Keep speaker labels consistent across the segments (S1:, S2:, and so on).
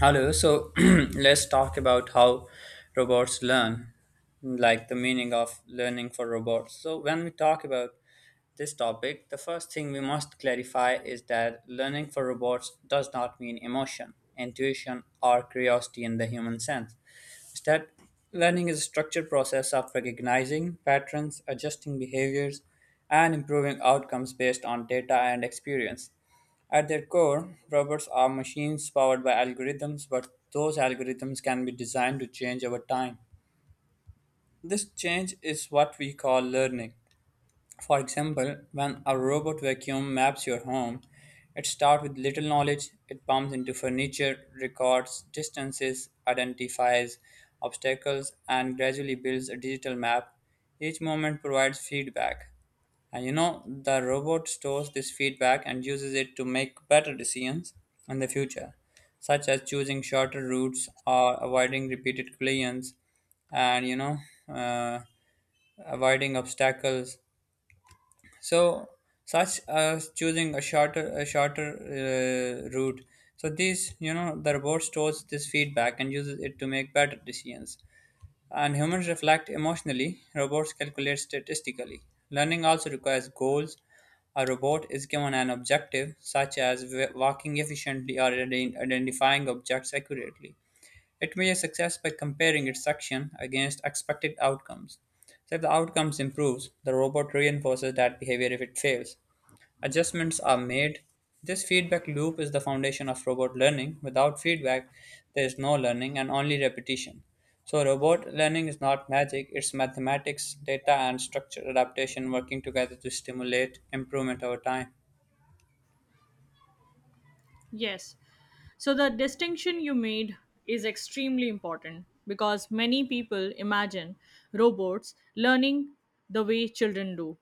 S1: Hello, so let's talk about how robots learn, like the meaning of learning for robots. So, when we talk about this topic, the first thing we must clarify is that learning for robots does not mean emotion, intuition, or curiosity in the human sense. Instead, learning is a structured process of recognizing patterns, adjusting behaviors, and improving outcomes based on data and experience. At their core, robots are machines powered by algorithms, but those algorithms can be designed to change over time. This change is what we call learning. For example, when a robot vacuum maps your home, it starts with little knowledge, it bumps into furniture, records distances, identifies obstacles, and gradually builds a digital map. Each moment provides feedback. And the robot stores this feedback and uses it to make better decisions in the future, such as choosing shorter routes or avoiding repeated collisions and, uh, avoiding obstacles. So, such as choosing a shorter route. So these, the robot stores this feedback and uses it to make better decisions. And humans reflect emotionally, robots calculate statistically. Learning also requires goals. A robot is given an objective, such as walking efficiently or identifying objects accurately. It measures success by comparing its action against expected outcomes. So if the outcomes improves, the robot reinforces that behavior if it fails. Adjustments are made. This feedback loop is the foundation of robot learning. Without feedback, there is no learning and only repetition. So robot learning is not magic, it's mathematics, data and structure adaptation working together to stimulate improvement over time.
S2: Yes. So the distinction you made is extremely important because many people imagine robots learning the way children do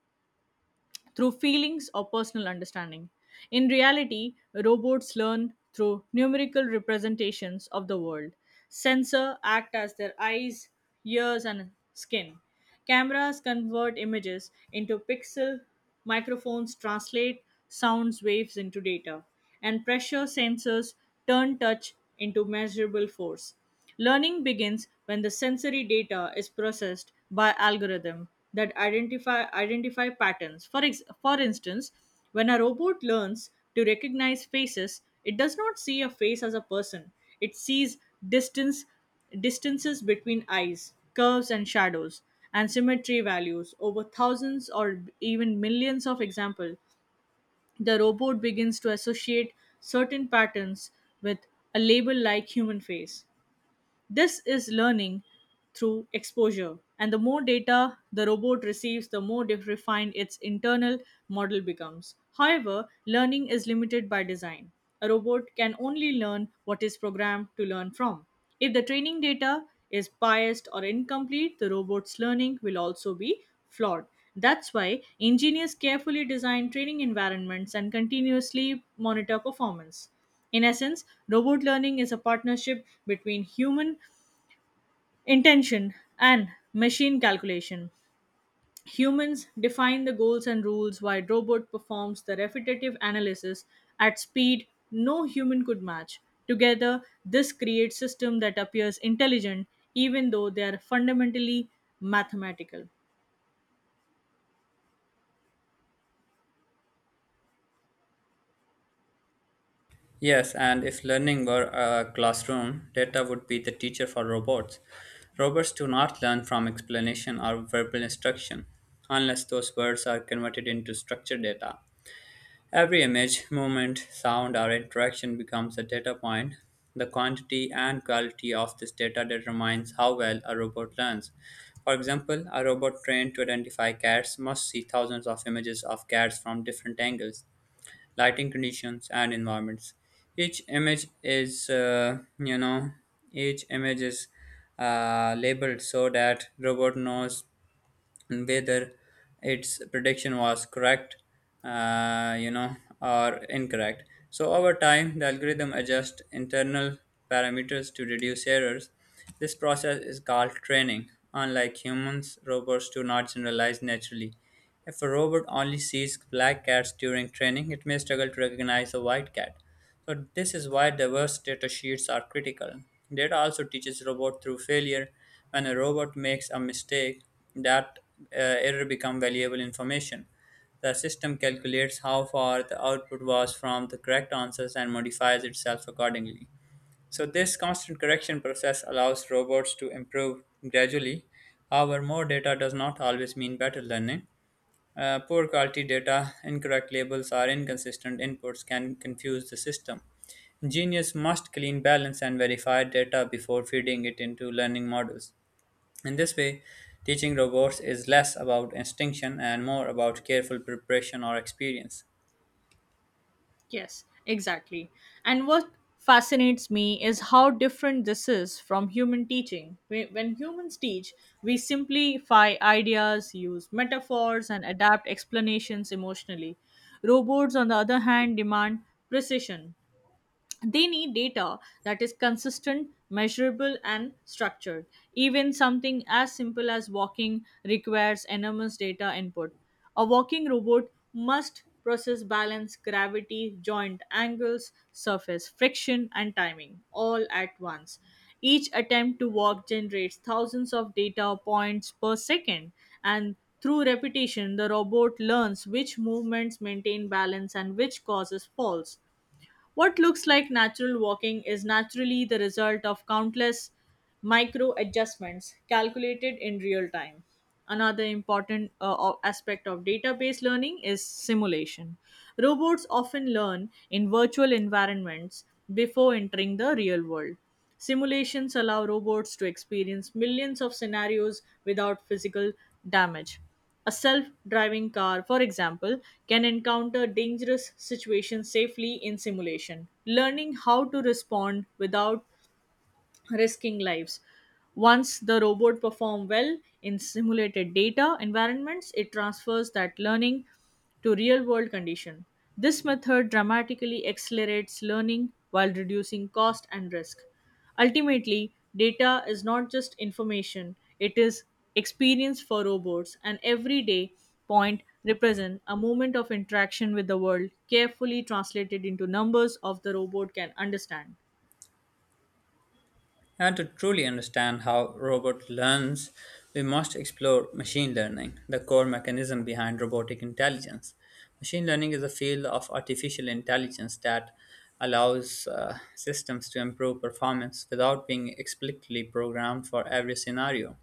S2: through feelings or personal understanding. In reality, robots learn through numerical representations of the world. Sensors act as their eyes, ears, and skin. Cameras convert images into pixel, microphones translate sounds waves into data, and pressure sensors turn touch into measurable force. Learning begins when the sensory data is processed by algorithm that identify patterns. For instance, when a robot learns to recognize faces, it does not see a face as a person. It sees distance distances between eyes, curves and shadows, and symmetry values over thousands or even millions of examples the robot begins to associate certain patterns with a label like human face this is learning through exposure. And the more data the robot receives, the more refined its internal model becomes. However, learning is limited by design. A robot can only learn what is programmed to learn from. If the training data is biased or incomplete, the robot's learning will also be flawed. That's why engineers carefully design training environments and continuously monitor performance. In essence, robot learning is a partnership between human intention and machine calculation. Humans define the goals and rules while robot performs the repetitive analysis at speed no human could match. Together, this creates system that appears intelligent even though they are fundamentally mathematical.
S1: Yes, and if learning were a classroom, data would be the teacher for robots. Robots do not learn from explanation or verbal instruction, unless those words are converted into structured data. Every image, movement, sound, or interaction becomes a data point. The quantity and quality of this data determines how well a robot learns. For example, a robot trained to identify cats must see thousands of images of cats from different angles, lighting conditions, and environments. Each image is, uh, you know, each image is labeled so that robot knows whether its prediction was correct, uh, you know, or incorrect. So over time, the algorithm adjusts internal parameters to reduce errors. This process is called training. Unlike humans, robots do not generalize naturally. If a robot only sees black cats during training, it may struggle to recognize a white cat. So this is why diverse data sheets are critical. Data also teaches robot through failure. When a robot makes a mistake, that error becomes valuable information. The system calculates how far the output was from the correct answers and modifies itself accordingly. So this constant correction process allows robots to improve gradually. However, more data does not always mean better learning. Poor quality data, incorrect labels, or inconsistent inputs can confuse the system. Genius must clean, balance, and verify data before feeding it into learning models. In this way, teaching robots is less about instinction and more about careful preparation or experience.
S2: Yes, exactly. And what fascinates me is how different this is from human teaching. When humans teach, we simplify ideas, use metaphors, and adapt explanations emotionally. Robots, on the other hand, demand precision, they need data that is consistent measurable and structured, even something as simple as walking requires enormous data input. A walking robot must process balance gravity joint angles surface friction and timing all at once. Each attempt to walk generates thousands of data points per second, and through repetition the robot learns which movements maintain balance and which causes falls. What looks like natural walking is naturally the result of countless micro adjustments calculated in real time. Another important aspect of database learning is simulation. Robots often learn in virtual environments before entering the real world. Simulations allow robots to experience millions of scenarios without physical damage. A self driving car, for example, can encounter dangerous situations safely in simulation, learning how to respond without risking lives. Once the robot perform well in simulated data environments, it transfers that learning to real world condition. This method dramatically accelerates learning while reducing cost and risk. Ultimately, data is not just information, it is experience for robots, and every day point represent a moment of interaction with the world carefully translated into numbers of the robot can understand.
S1: And to truly understand how robot learns, we must explore machine learning, the core mechanism behind robotic intelligence. Machine learning is a field of artificial intelligence that allows systems to improve performance without being explicitly programmed for every scenario.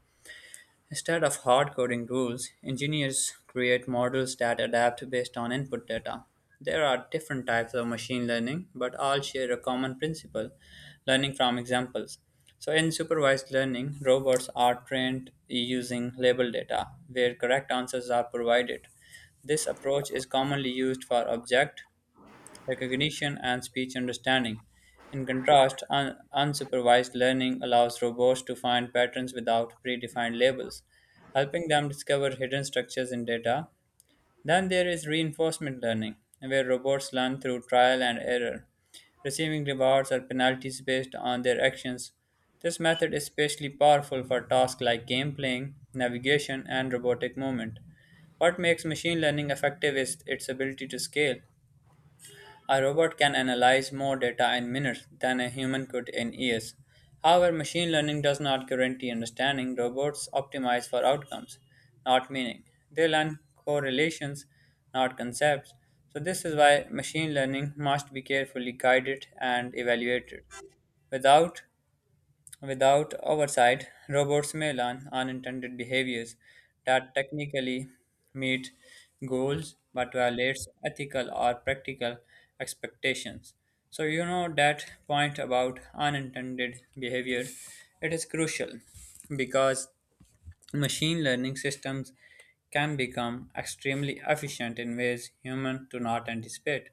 S1: Instead of hard coding rules, engineers create models that adapt based on input data. There are different types of machine learning, but all share a common principle, learning from examples. So, in supervised learning, robots are trained using label data, where correct answers are provided. This approach is commonly used for object recognition, and speech understanding. In contrast, unsupervised learning allows robots to find patterns without predefined labels, helping them discover hidden structures in data. Then there is reinforcement learning, where robots learn through trial and error, receiving rewards or penalties based on their actions. This method is especially powerful for tasks like game playing, navigation, and robotic movement. What makes machine learning effective is its ability to scale. A robot can analyze more data in minutes than a human could in years. However, machine learning does not guarantee understanding. Robots optimize for outcomes, not meaning. They learn correlations, not concepts. So, this is why machine learning must be carefully guided and evaluated. Without Without oversight, robots may learn unintended behaviors that technically meet goals but violates ethical or practical expectations. So you know that point about unintended behavior, it is crucial because machine learning systems can become extremely efficient in ways humans do not anticipate.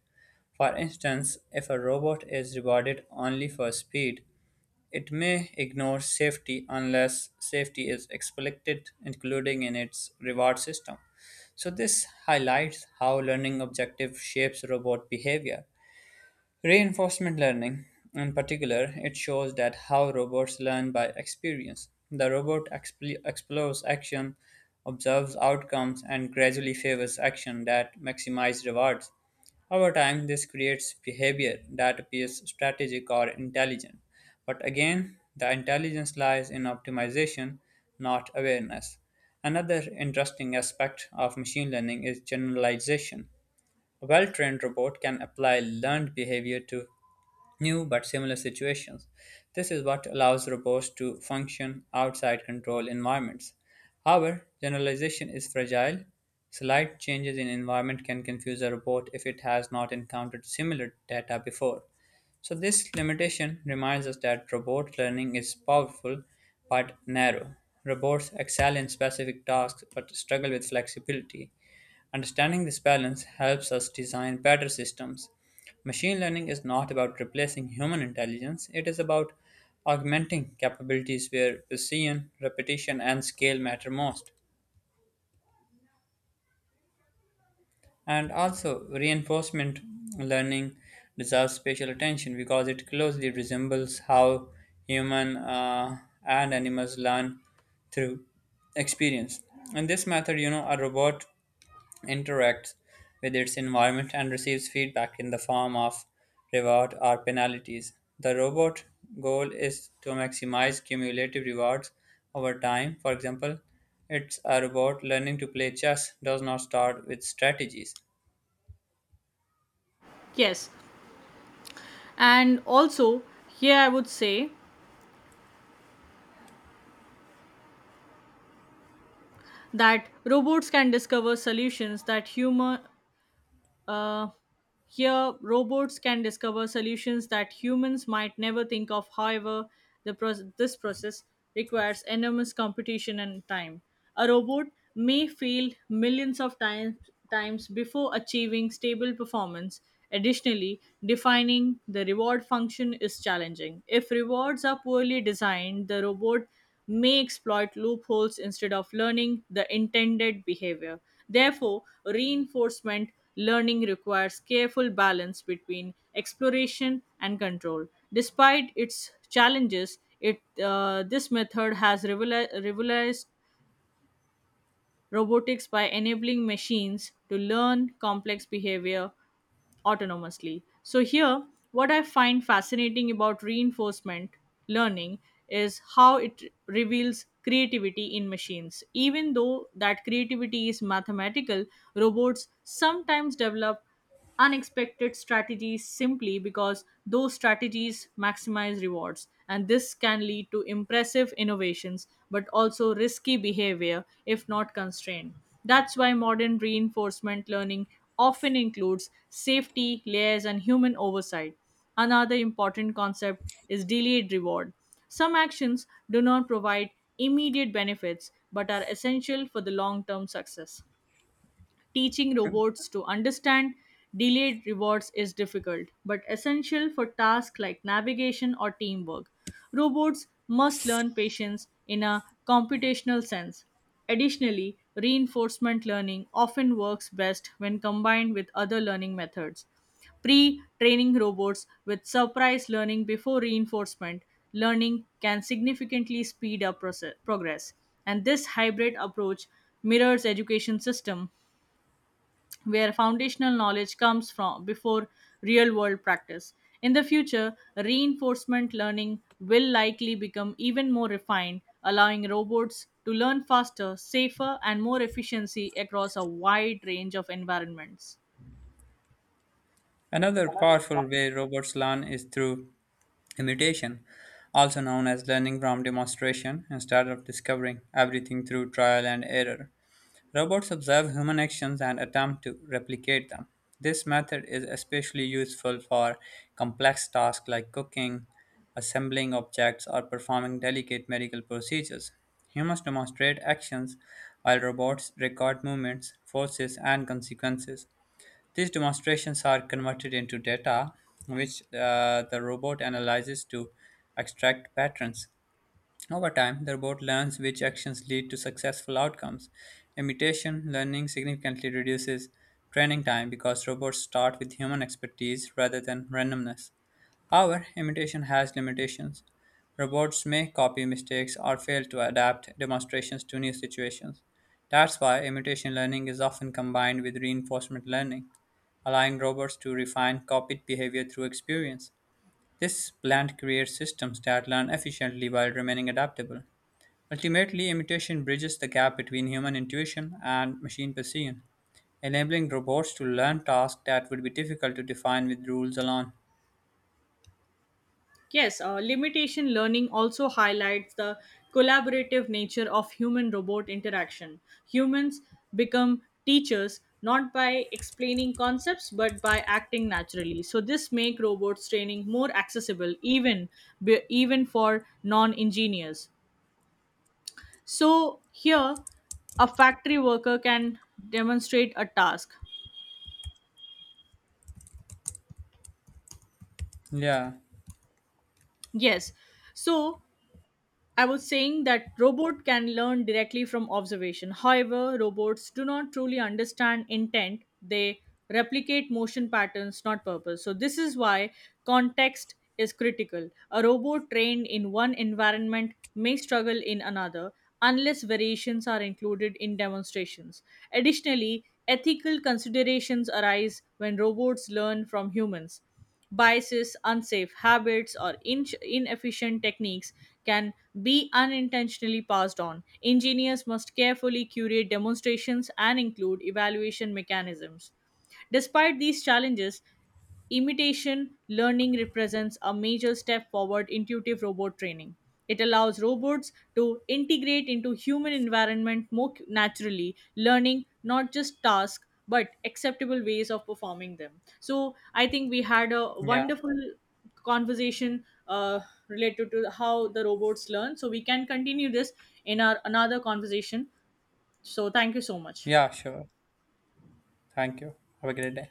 S1: For instance, if a robot is rewarded only for speed, it may ignore safety unless safety is explicit, including in its reward system. So, this highlights how learning objective shapes robot behavior. Reinforcement learning, in particular, it shows that how robots learn by experience. The robot explores action, observes outcomes, and gradually favors action that maximize rewards. Over time, this creates behavior that appears strategic or intelligent. But again, the intelligence lies in optimization, not awareness. Another interesting aspect of machine learning is generalization. A well trained robot can apply learned behavior to new but similar situations. This is what allows robots to function outside control environments. However, generalization is fragile. Slight changes in environment can confuse a robot if it has not encountered similar data before. So, this limitation reminds us that robot learning is powerful but narrow. Robots excel in specific tasks but struggle with flexibility. Understanding this balance helps us design better systems. Machine learning is not about replacing human intelligence, it is about augmenting capabilities where precision, repetition, and scale matter most. And also, reinforcement learning deserves special attention because it closely resembles how human and animals learn through experience. In this method, a robot interacts with its environment and receives feedback in the form of reward or penalties. The robot goal is to maximize cumulative rewards over time. For example, it's a robot learning to play chess does not start with strategies.
S2: Yes. And also, here I would say that robots can discover solutions that human uh, Here, robots can discover solutions that humans might never think of. However, this process requires enormous computation and time. A robot may fail millions of times before achieving stable performance. Additionally, defining the reward function is challenging. If rewards are poorly designed, the robot may exploit loopholes instead of learning the intended behavior. Therefore, reinforcement learning requires careful balance between exploration and control. Despite its challenges, it this method has revolutionized robotics by enabling machines to learn complex behavior autonomously. So, here, what I find fascinating about reinforcement learning is how it reveals creativity in machines. Even though that creativity is mathematical, robots sometimes develop unexpected strategies simply because those strategies maximize rewards. And this can lead to impressive innovations, but also risky behavior if not constrained. That's why modern reinforcement learning often includes safety, layers, and human oversight. Another important concept is delayed reward. Some actions do not provide immediate benefits but are essential for the long term success. Teaching robots to understand delayed rewards is difficult, but essential for tasks like navigation or teamwork. Robots must learn patience in a computational sense. Additionally, reinforcement learning often works best when combined with other learning methods. Pre training robots with surprise learning before reinforcement learning can significantly speed up progress, and this hybrid approach mirrors education system where foundational knowledge comes from before real world practice. In the future, reinforcement learning will likely become even more refined, allowing robots to learn faster, safer, and more efficiency across a wide range of environments.
S1: Another powerful way robots learn is through imitation, also known as learning from demonstration, instead of discovering everything through trial and error. Robots observe human actions and attempt to replicate them. This method is especially useful for complex tasks like cooking, assembling objects, or performing delicate medical procedures. Humans demonstrate actions while robots record movements, forces, and consequences. These demonstrations are converted into data, which the robot analyzes to extract patterns. Over time, the robot learns which actions lead to successful outcomes. Imitation learning significantly reduces training time because robots start with human expertise rather than randomness. However, imitation has limitations. Robots may copy mistakes or fail to adapt demonstrations to new situations. That's why imitation learning is often combined with reinforcement learning, allowing robots to refine copied behavior through experience. This blend creates systems that learn efficiently while remaining adaptable. Ultimately, imitation bridges the gap between human intuition and machine precision, enabling robots to learn tasks that would be difficult to define with rules alone.
S2: Yes, limitation learning also highlights the collaborative nature of human robot interaction. Humans become teachers not by explaining concepts but by acting naturally. So this make robots training more accessible, even for non-engineers. So here a factory worker can demonstrate a task.
S1: Yeah,
S2: Yes. So I was saying that robot can learn directly from observation. However, robots do not truly understand intent. They replicate motion patterns, not purpose. So this is why context is critical. A robot trained in one environment may struggle in another unless variations are included in demonstrations. Additionally, ethical considerations arise when robots learn from humans. Biases, unsafe habits, or inefficient techniques can be unintentionally passed on. Engineers must carefully curate demonstrations and include evaluation mechanisms. Despite these challenges, imitation learning represents a major step forward intuitive robot training. It allows robots to integrate into human environment more naturally, learning not just tasks but acceptable ways of performing them. So I think we had a
S1: yeah,
S2: wonderful conversation related to how the robots learn. So we can continue this in our another conversation. So thank you so much.
S1: yeah, sure. Thank you. Have a great day.